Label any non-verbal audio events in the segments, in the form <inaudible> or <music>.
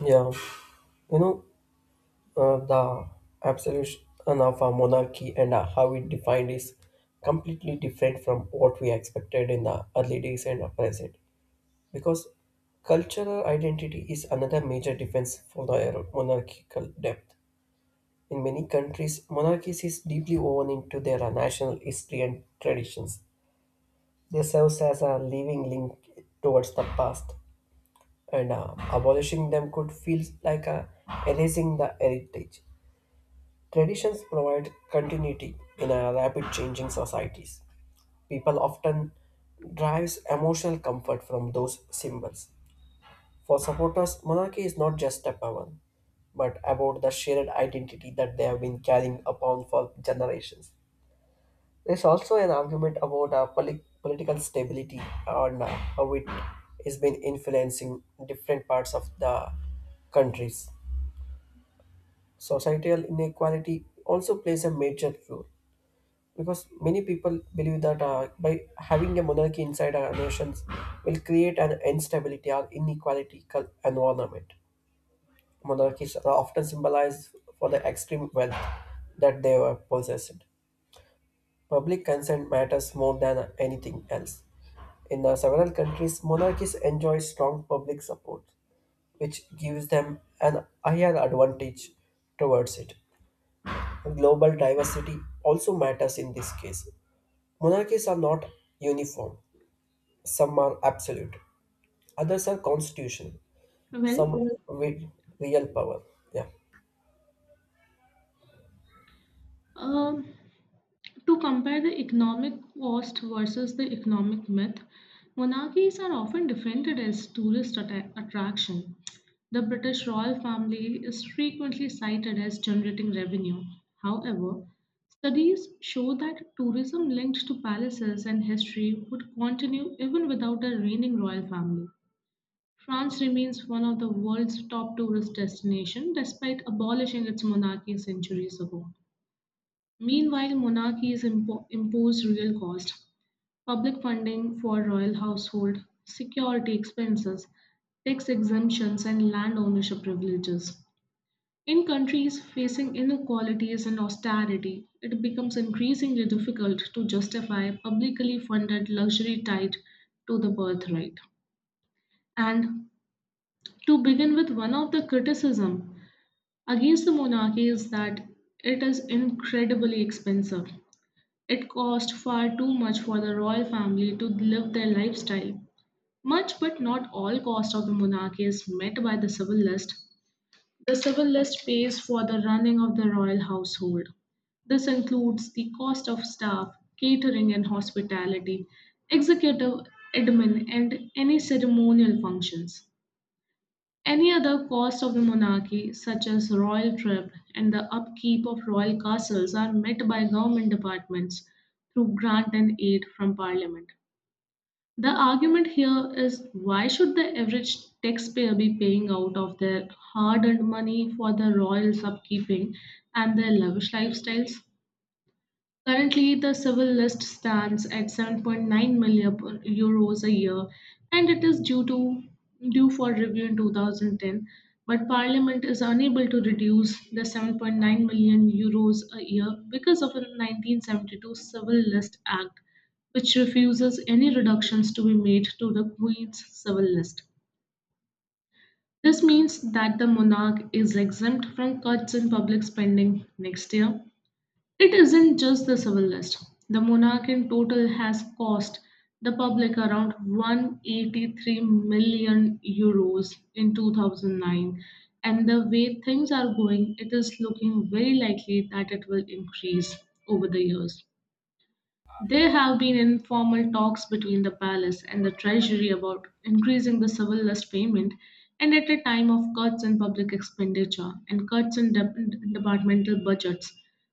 Yeah, you know, the absolution of a monarchy and how it defined is completely different from what we expected in the early days and present. Because cultural identity is another major defense for the monarchical depth. In many countries, monarchies is deeply woven into their national history and traditions. They serves as a living link towards the past, and abolishing them could feel like erasing the heritage. Traditions provide continuity in a rapid changing societies. People often derives emotional comfort from those symbols. For supporters, monarchy is not just a power, but about the shared identity that they have been carrying upon for generations. There's also an argument about our political stability and how it has been influencing different parts of the countries. Societal inequality also plays a major role. Because many people believe that by having a monarchy inside our nations will create an instability or inequality environment. Monarchies are often symbolized for the extreme wealth that they were possessed. Public consent matters more than anything else. In several countries, monarchies enjoy strong public support, which gives them an higher advantage towards it. Global diversity also matters in this case. Monarchies are not uniform. Some are absolute, others are constitutional, some Well, are with real power. Yeah, um, to compare the economic cost versus the economic myth, monarchies are often defended as tourist attraction. The British royal family is frequently cited as generating revenue. However, studies show that tourism linked to palaces and history would continue even without a reigning royal family. France remains one of the world's top tourist destinations despite abolishing its monarchy centuries ago. Meanwhile, monarchies impose real cost. Public funding for royal household, security expenses, tax exemptions, and land ownership privileges. In countries facing inequalities and austerity, it becomes increasingly difficult to justify publicly funded luxury tied to the birthright. And to begin with, one of the criticism against the monarchy is that it is incredibly expensive. It cost far too much for the royal family to live their lifestyle. Much but not all cost of the monarchy is met by the civil list. The civil list pays for the running of the royal household. This includes the cost of staff, catering and hospitality, executive admin, and any ceremonial functions. Any other cost of the monarchy, such as royal trip and the upkeep of royal castles, are met by government departments through grant and aid from parliament. The argument here is, why should the average taxpayer be paying out of their hard earned money for the royals' upkeeping and their lavish lifestyles? Currently, the civil list stands at €7.9 million a year, and it is due for review in 2010. But Parliament is unable to reduce the €7.9 million a year because of a 1972 Civil List Act, which refuses any reductions to be made to the Queen's civil list. This means that the monarch is exempt from cuts in public spending next year. It isn't just the civil list. The monarch in total has cost the public around €183 million in 2009, and the way things are going, it is looking very likely that it will increase over the years. There have been informal talks between the palace and the treasury about increasing the civil list payment, and at a time of cuts in public expenditure and cuts in departmental budgets,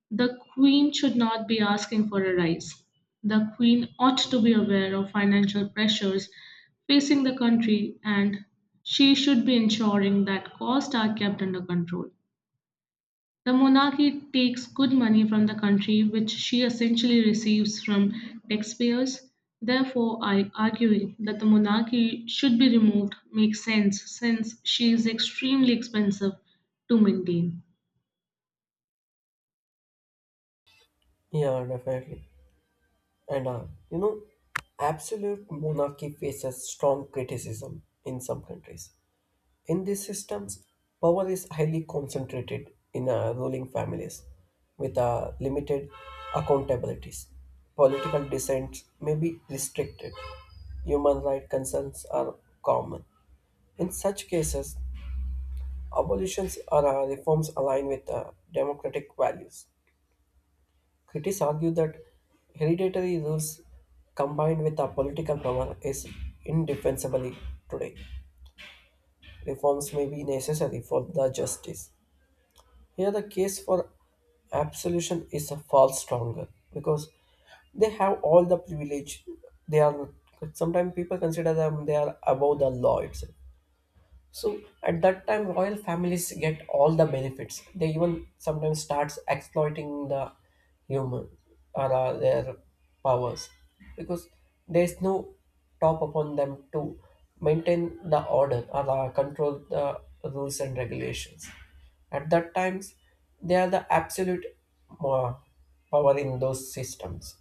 the queen should not be asking for a rise. The queen ought to be aware of financial pressures facing the country, and she should be ensuring that costs are kept under control. The monarchy takes good money from the country, which she essentially receives from taxpayers. Therefore, I arguing that the monarchy should be removed makes sense, since she is extremely expensive to maintain. yeah, definitely. And uh, you know, absolute monarchy faces strong criticism in some countries. In these systems, power is highly concentrated in ruling families with limited accountabilities. Political dissent may be restricted. Human rights concerns are common. In such cases, abolitions or reforms align with democratic values. Critics argue that hereditary rules combined with political power is indefensibly today. Reforms may be necessary for the justice. Here, the case for absolution is far stronger, because they have all the privilege. They are sometimes people consider them they are above the law itself. So at that time, royal families get all the benefits. They even sometimes starts exploiting the human or their powers, because there is no top upon them to maintain the order or control the rules and regulations. At that times, they are the absolute uh, power in those systems.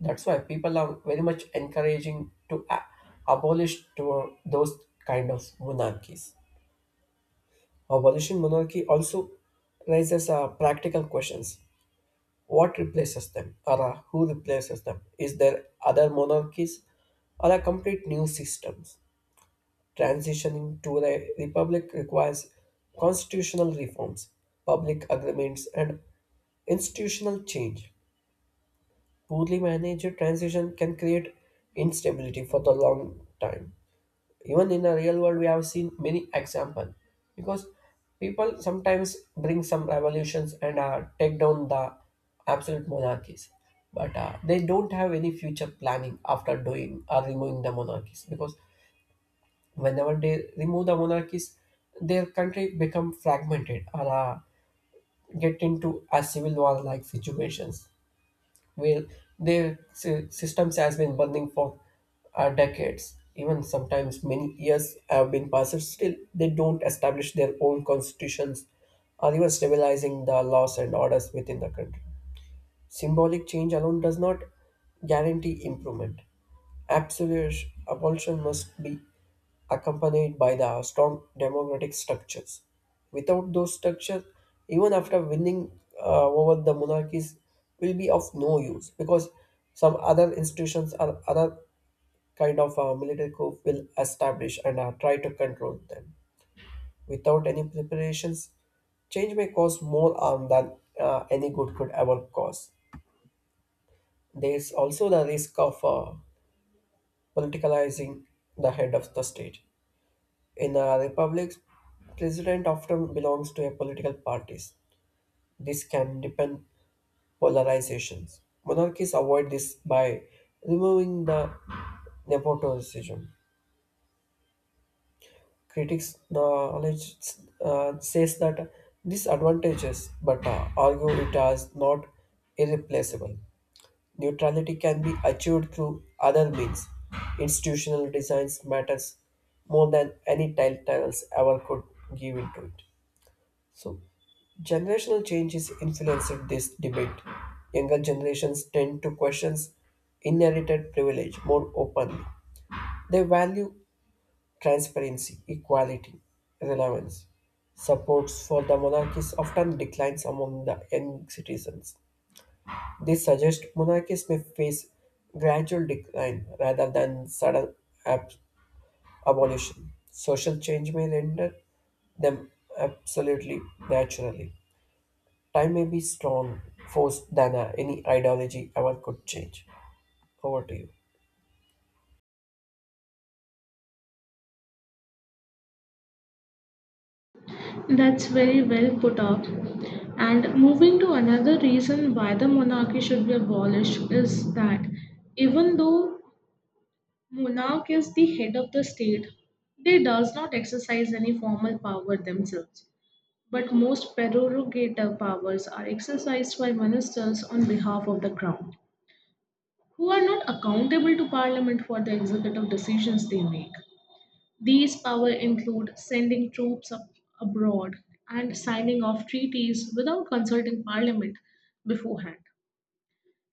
That's why people are very much encouraging to abolish to those kind of monarchies. Abolition monarchy also raises practical questions. What replaces them or who replaces them? Is there other monarchies or a complete new systems? Transitioning to a republic requires constitutional reforms, public agreements, and institutional change. Poorly managed transition can create instability for the long time, even in a real world we have seen many example, because people sometimes bring some revolutions and take down the absolute monarchies, but they don't have any future planning after doing or removing the monarchies, because whenever they remove the monarchies their country become fragmented or get into a civil war like situations. Well, their systems has been burning for decades. Even sometimes many years have been passed, still they don't establish their own constitutions or even stabilizing the laws and orders within the country. Symbolic change alone does not guarantee improvement. Absolute abolition must be accompanied by the strong democratic structures. Without those structures, even after winning over the monarchies, will be of no use, because some other institutions or other kind of military coup will establish and try to control them. Without any preparations, change may cause more harm than any good could ever cause. There's also the risk of politicalizing the head of the state. In a republic, president often belongs to a political parties. This can deepen polarizations. Monarchies avoid this by removing the nepotism. Critics knowledge says that disadvantages, but argue it as not irreplaceable. Neutrality can be achieved through other means. Institutional designs matters more than any titles ever could give into it. So, generational changes influenced this debate. Younger generations tend to question inherited privilege more openly. They value transparency, equality, relevance. Supports for the monarchy often declines among the young citizens. This suggests monarchies may face gradual decline rather than sudden ab- abolition. Social change may render them absolutely naturally. Time may be strong force than any ideology ever could change. Over to you. That's very well put up. And moving to another reason why the monarchy should be abolished is that, even though monarch is the head of the state, they does not exercise any formal power themselves. But most prerogative powers are exercised by ministers on behalf of the Crown, who are not accountable to Parliament for the executive decisions they make. These powers include sending troops abroad and signing off treaties without consulting Parliament beforehand.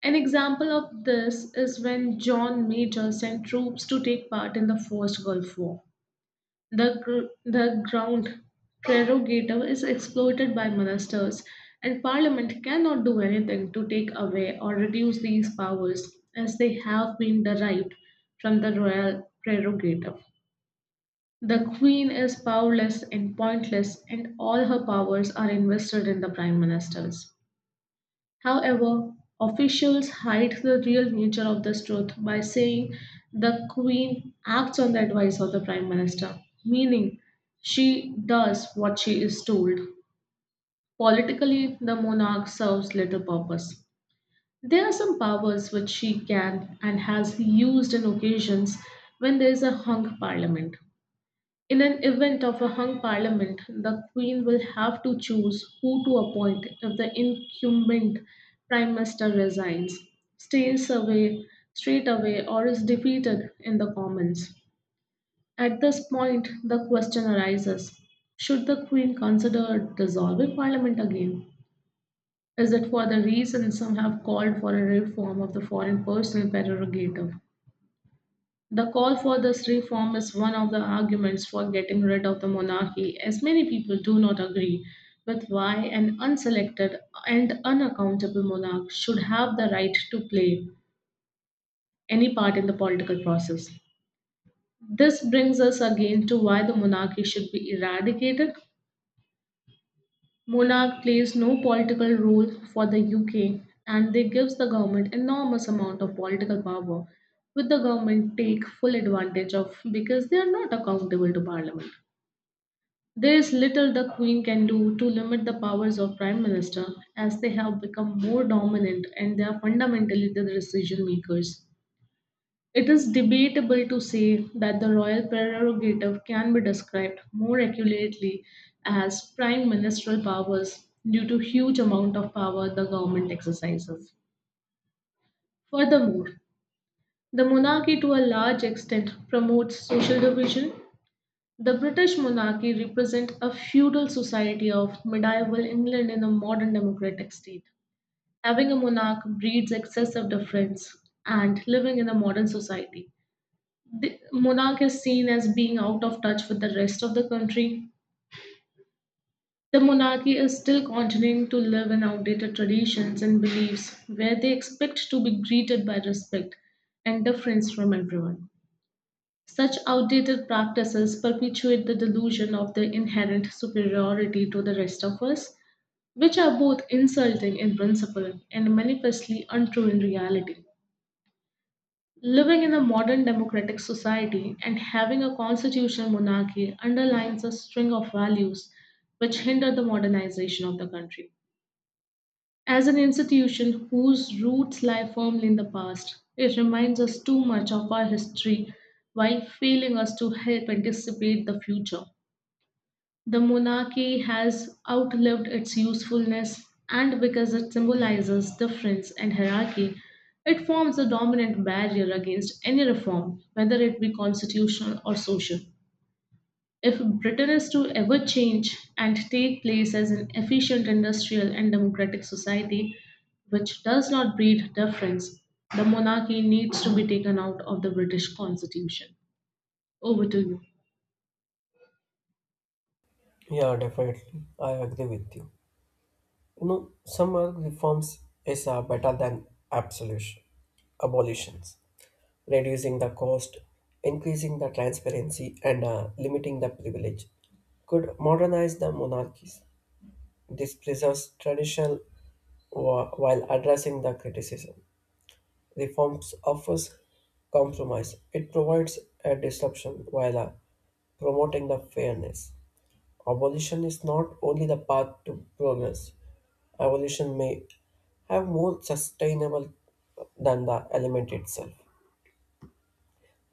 An example of this is when John Major sent troops to take part in the First Gulf War. The ground prerogative is exploited by ministers, and Parliament cannot do anything to take away or reduce these powers, as they have been derived from the royal prerogative. The Queen is powerless and pointless, and all her powers are invested in the Prime Ministers. However, officials hide the real nature of this truth by saying the Queen acts on the advice of the Prime Minister, meaning she does what she is told. Politically, the monarch serves little purpose. There are some powers which she can and has used in occasions when there is a hung parliament. In an event of a hung parliament, the Queen will have to choose who to appoint if the incumbent Prime Minister resigns, stays away straight away, or is defeated in the Commons. At this point, the question arises: should the Queen consider dissolving Parliament again? Is it for the reason some have called for a reform of the foreign personal prerogative? The call for this reform is one of the arguments for getting rid of the monarchy, as many people do not agree with why an unselected and unaccountable monarch should have the right to play any part in the political process. This brings us again to why the monarchy should be eradicated. Monarch plays no political role for the UK, and they gives the government enormous amount of political power, with the government take full advantage of, because they are not accountable to parliament. There is little the queen can do to limit the powers of prime minister, as they have become more dominant and they are fundamentally the decision makers. It is debatable to say that the royal prerogative can be described more accurately as prime ministerial powers due to huge amount of power the government exercises. Furthermore, the monarchy to a large extent promotes social division. The British monarchy represents a feudal society of medieval England in a modern democratic state. Having a monarch breeds excessive difference, and living in a modern society, the monarch is seen as being out of touch with the rest of the country. The monarchy is still continuing to live in outdated traditions and beliefs, where they expect to be greeted by respect and deference from everyone. Such outdated practices perpetuate the delusion of their inherent superiority to the rest of us, which are both insulting in principle and manifestly untrue in reality. Living in a modern democratic society and having a constitutional monarchy underlines a string of values which hinder the modernization of the country. As an institution whose roots lie firmly in the past, it reminds us too much of our history while failing us to help anticipate the future. The monarchy has outlived its usefulness, and because it symbolizes difference and hierarchy, it forms a dominant barrier against any reform, whether it be constitutional or social. If Britain is to ever change and take place as an efficient industrial and democratic society which does not breed difference, the monarchy needs to be taken out of the British constitution. Over to you. Yeah, definitely. I agree with you. Some are reforms is better than absolution, abolitions. Reducing the cost, increasing the transparency, and limiting the privilege, could modernize the monarchies. This preserves traditional while addressing the criticism. Reforms offers compromise. It provides a disruption while promoting the fairness. Abolition is not only the path to progress. Evolution may have more sustainable than the element itself.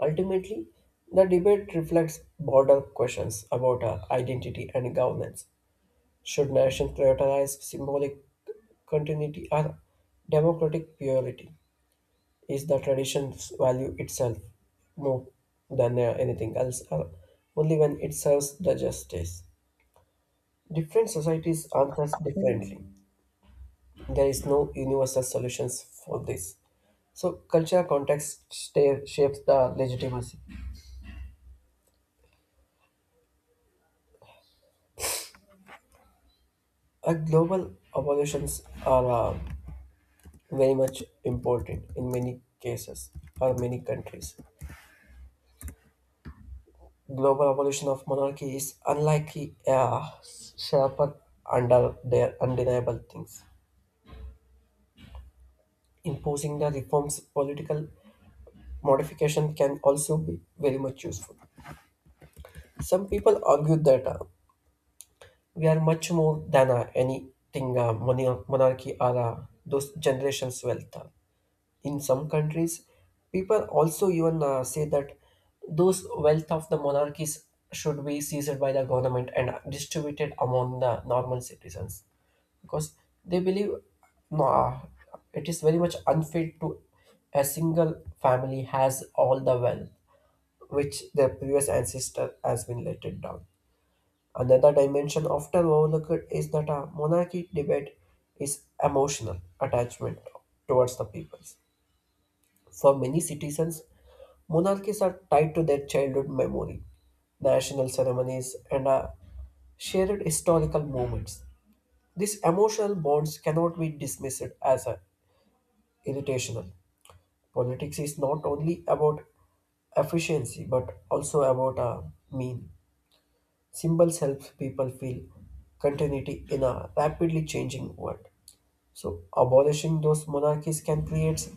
Ultimately, the debate reflects broader questions about identity and governance. Should nations prioritize symbolic continuity or democratic purity? Is the tradition's value itself more than anything else, or only when it serves the justice? Different societies answer differently. There is no universal solutions for this. So cultural context shapes the legitimacy. Global evolutions are very much important in many cases or many countries. Global evolution of monarchy is unlikely sharper under their undeniable things. Imposing the reforms political modification can also be very much useful. Some people argue that we are much more than anything, monarchy or those generations' wealth. In some countries, people also even say that those wealth of the monarchies should be seized by the government and distributed among the normal citizens, because they believe no, it is very much unfair to a single family has all the wealth which their previous ancestor has been let it down. Another dimension often overlooked is that a monarchy debate is emotional attachment towards the people. For many citizens, monarchies are tied to their childhood memory, national ceremonies, and shared historical moments. These emotional bonds cannot be dismissed as irritational. Politics is not only about efficiency but also about mean. Symbols help people feel continuity in a rapidly changing world. So, abolishing those monarchies can create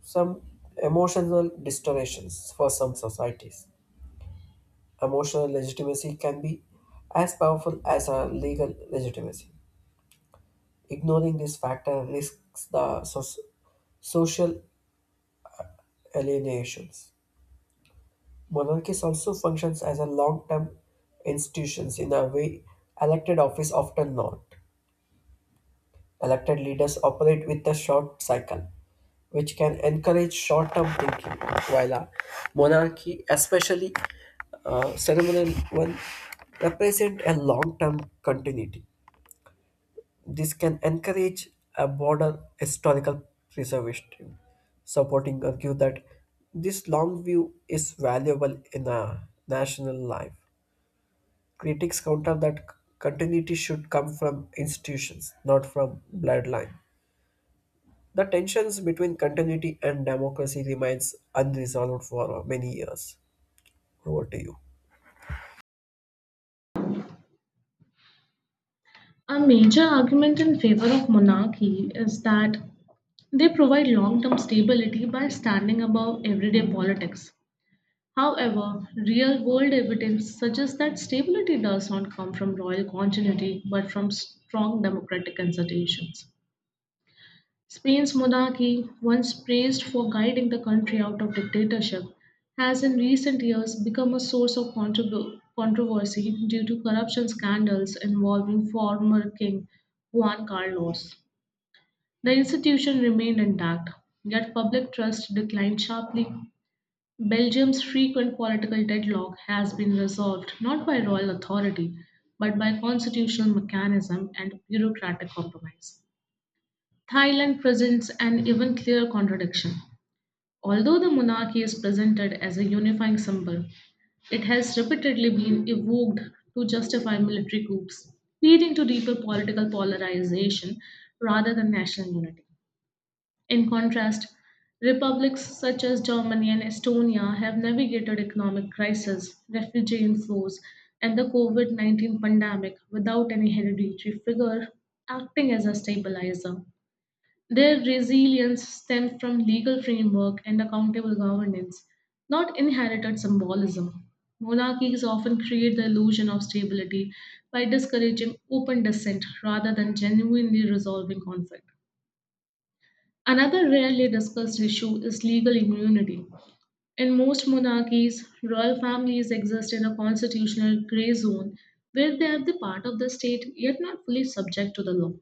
some emotional distortions for some societies. Emotional legitimacy can be as powerful as a legal legitimacy. Ignoring this factor risks the social alienations. Monarchies also functions as a long-term institutions in a way elected office often not. Elected leaders operate with a short cycle, which can encourage short-term thinking, while a monarchy, especially ceremonial one, represent a long-term continuity. This can encourage a broader historical preservation, supporting argue that this long view is valuable in a national life. Critics counter that continuity should come from institutions, not from bloodline. The tensions between continuity and democracy remains unresolved for many years. Over to you. A major argument in favor of monarchy is that they provide long term stability by standing above everyday politics. However, real world evidence suggests that stability does not come from royal continuity, but from strong democratic institutions. Spain's monarchy, once praised for guiding the country out of dictatorship, has in recent years become a source of controversy due to corruption scandals involving former King Juan Carlos. The institution remained intact, yet public trust declined sharply. Belgium's frequent political deadlock has been resolved not by royal authority, but by constitutional mechanism and bureaucratic compromise. Thailand presents an even clearer contradiction. Although the monarchy is presented as a unifying symbol, it has repeatedly been evoked to justify military coups, leading to deeper political polarization rather than national unity. In contrast, republics such as Germany and Estonia have navigated economic crises, refugee inflows, and the COVID-19 pandemic without any hereditary figure acting as a stabilizer. Their resilience stems from legal framework and accountable governance, not inherited symbolism. Monarchies often create the illusion of stability by discouraging open dissent rather than genuinely resolving conflict. Another rarely discussed issue is legal immunity. In most monarchies, royal families exist in a constitutional gray zone, where they are the part of the state yet not fully subject to the law.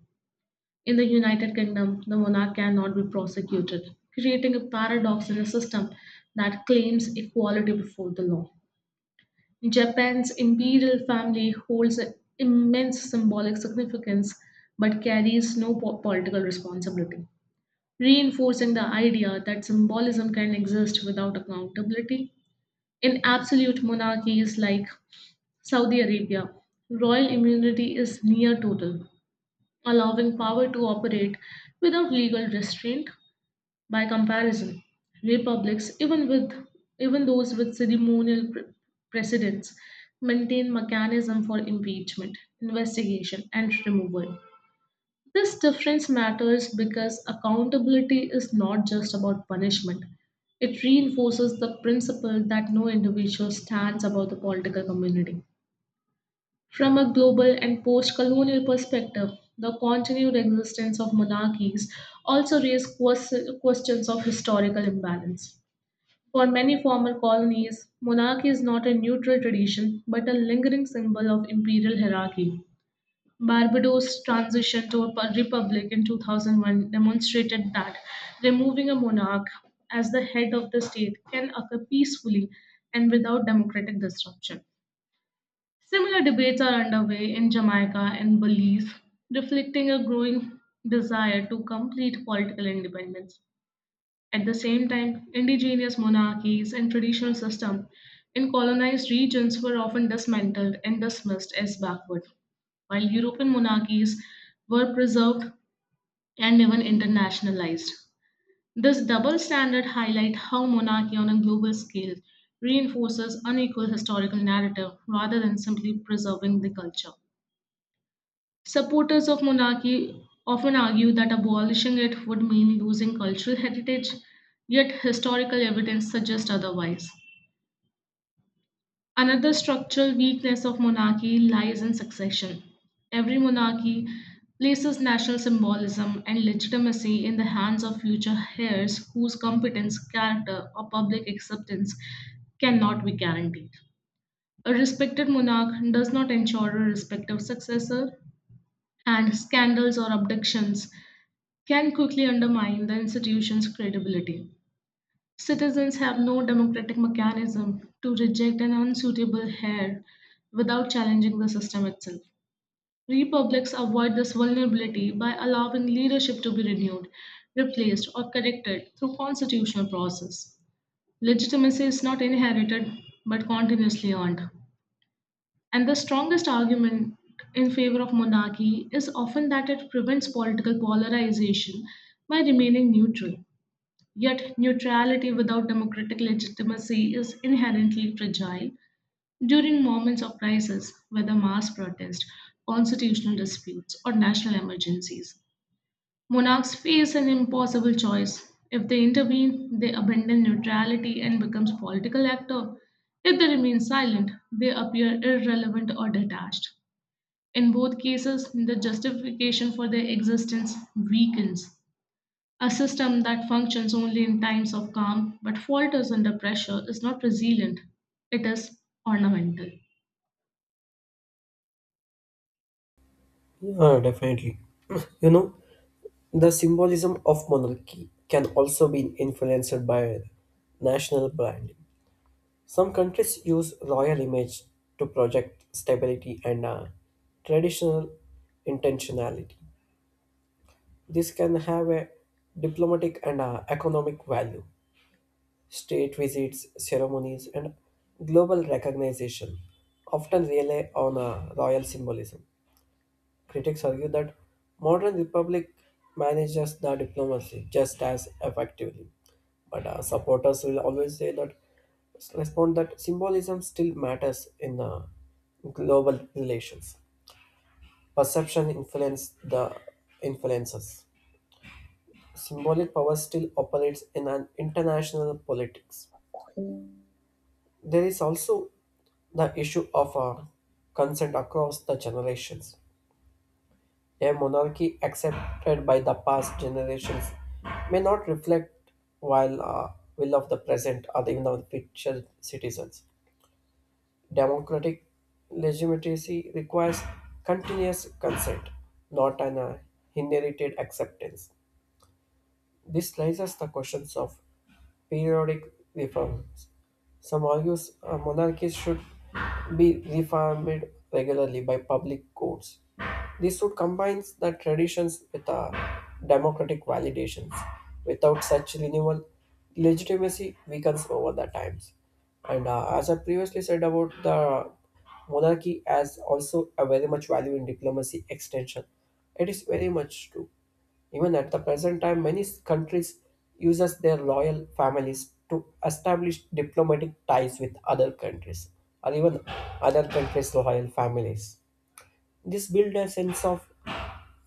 In the United Kingdom, the monarch cannot be prosecuted, creating a paradox in a system that claims equality before the law. Japan's imperial family holds an immense symbolic significance, but carries no political responsibility, reinforcing the idea that symbolism can exist without accountability. In absolute monarchies like Saudi Arabia, royal immunity is near total, allowing power to operate without legal restraint. By comparison, republics, even those with ceremonial precedence, maintain mechanism for impeachment, investigation, and removal. This difference matters because accountability is not just about punishment. It reinforces the principle that no individual stands above the political community. From a global and post colonial perspective, the continued existence of monarchies also raised questions of historical imbalance. For many former colonies, monarchy is not a neutral tradition but a lingering symbol of imperial hierarchy. Barbados' transition to a republic in 2001 demonstrated that removing a monarch as the head of the state can occur peacefully and without democratic disruption. Similar debates are underway in Jamaica and Belize, reflecting a growing desire to complete political independence. At the same time, indigenous monarchies and traditional systems in colonized regions were often dismantled and dismissed as backward, while European monarchies were preserved and even internationalized. This double standard highlights how monarchy on a global scale reinforces unequal historical narrative rather than simply preserving the culture. Supporters of monarchy often argue that abolishing it would mean losing cultural heritage, yet historical evidence suggests otherwise. Another structural weakness of monarchy lies in succession. Every monarchy places national symbolism and legitimacy in the hands of future heirs whose competence, character, or public acceptance cannot be guaranteed. A respected monarch does not ensure a respective successor, and scandals or abductions can quickly undermine the institution's credibility. Citizens have no democratic mechanism to reject an unsuitable heir without challenging the system itself. Republics avoid this vulnerability by allowing leadership to be renewed, replaced, or corrected through constitutional process. Legitimacy is not inherited, but continuously earned. And the strongest argument in favor of monarchy is often that it prevents political polarization by remaining neutral. Yet, neutrality without democratic legitimacy is inherently fragile during moments of crisis, whether mass protest, constitutional disputes, or national emergencies. Monarchs face an impossible choice. If they intervene, they abandon neutrality and become political actor. If they remain silent, they appear irrelevant or detached. In both cases, the justification for their existence weakens. A system that functions only in times of calm but falters under pressure is not resilient, it is ornamental. Yeah, definitely. <clears throat> You know, the symbolism of monarchy can also be influenced by national branding. Some countries use royal image to project stability and traditional intentionality. This can have a diplomatic and economic value. State visits, ceremonies, and global recognition often rely on royal symbolism. Critics argue that modern republic manages the diplomacy just as effectively, but supporters will always say that respond that symbolism still matters in global relations. Perception influence the influences. Symbolic power still operates in an international politics. There is also the issue of consent across the generations. A monarchy accepted by the past generations may not reflect while will of the present or the, even of the future citizens. Democratic legitimacy requires continuous consent, not an inherited acceptance. This raises the questions of periodic reforms. Some argues monarchies should be reformed regularly by public courts. This would combine the traditions with democratic validations. Without such renewal, legitimacy weakens over the times. And as I previously said about the monarchy as also a very much value in diplomacy extension. It is very much true. Even at the present time, many countries uses their loyal families to establish diplomatic ties with other countries or even other countries' loyal families. This builds a sense of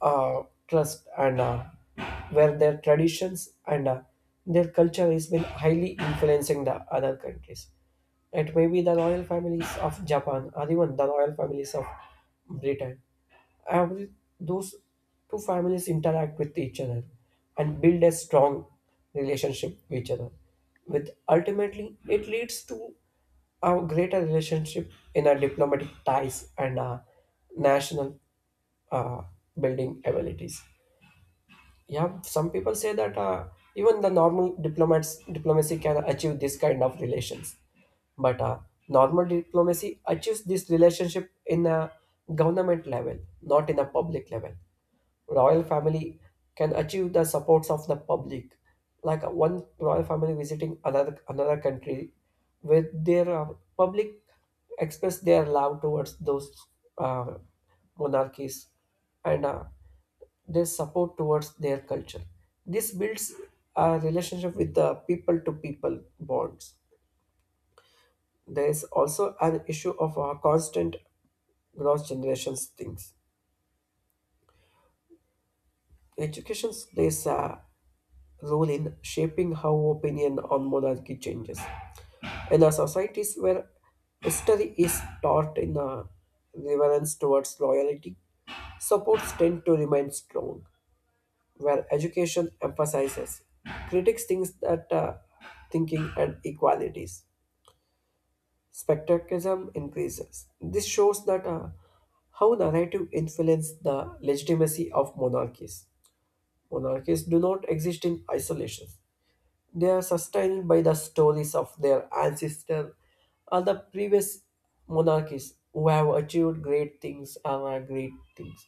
trust and where their traditions and their culture has been highly influencing the other countries. It may be the royal families of Japan or even the royal families of Britain. Every those two families interact with each other and build a strong relationship with each other, with ultimately it leads to a greater relationship in our diplomatic ties and our national uh, building abilities. Yeah, some people say that even the normal diplomats diplomacy can achieve this kind of relations, but normal diplomacy achieves this relationship in a government level, not in a public level. Royal family can achieve the supports of the public, like one royal family visiting another country, where their public express their love towards those uh, monarchies and their support towards their culture. This builds a relationship with the people to people bonds. There is also an issue of constant cross generations things. Education plays a role in shaping how opinion on monarchy changes. In a societies where history is taught in a reverence towards loyalty, supports tend to remain strong, where education emphasizes critics thinks that thinking and equalities. Spectacism increases. This shows that how narrative influence the legitimacy of monarchies. Monarchies do not exist in isolation. They are sustained by the stories of their ancestors or the previous monarchies who have achieved great things or are great things.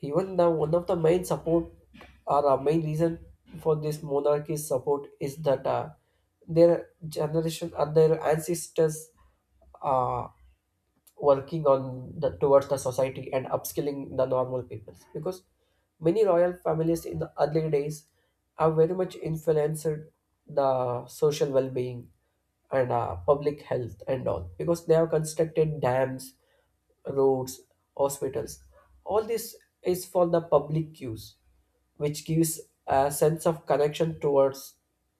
Even the one of the main support or a main reason for this monarchy's support is that their generation or their ancestors uh, working on the towards the society and upskilling the normal people, because many royal families in the early days have very much influenced the social well-being and public health and all, because they have constructed dams, roads, hospitals. All this is for the public use, which gives a sense of connection towards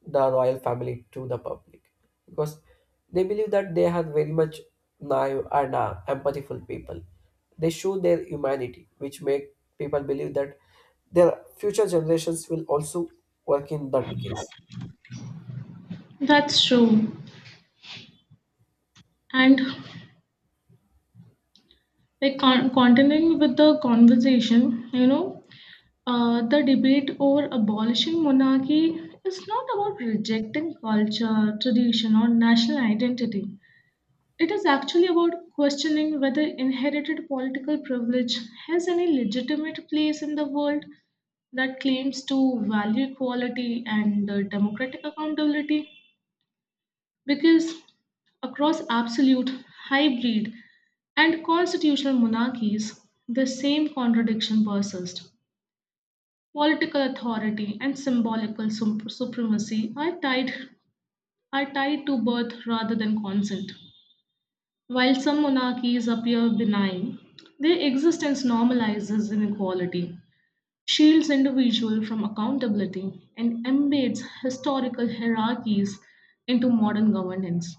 the royal family to the public, because they believe that they are very much naive and empathiful people. They show their humanity, which make people believe that their future generations will also work in that case. That's true. And like continuing with the conversation, the debate over abolishing monarchy is not about rejecting culture, tradition, or national identity. It is actually about questioning whether inherited political privilege has any legitimate place in the world that claims to value equality and democratic accountability, because across absolute, hybrid, and constitutional monarchies, the same contradiction persists. Political authority and symbolical supremacy are tied to birth rather than consent. While some monarchies appear benign, their existence normalizes inequality, shields individuals from accountability, and embeds historical hierarchies into modern governance.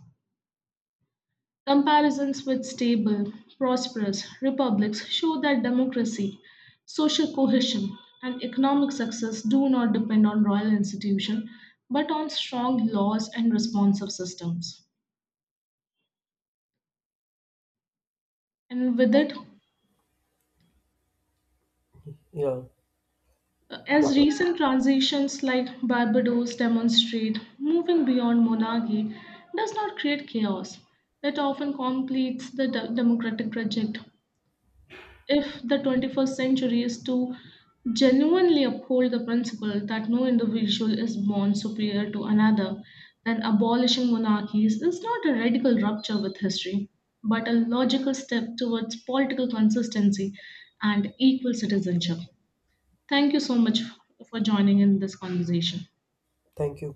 Comparisons with stable, prosperous republics show that democracy, social cohesion, and economic success do not depend on royal institutions, but on strong laws and responsive systems. And with it, Yeah, as definitely. recent transitions like Barbados demonstrate, moving beyond monarchy does not create chaos. It often completes the democratic project. If the 21st century is to genuinely uphold the principle that no individual is born superior to another, then abolishing monarchies is not a radical rupture with history, but a logical step towards political consistency and equal citizenship. Thank you so much for joining in this conversation. Thank you.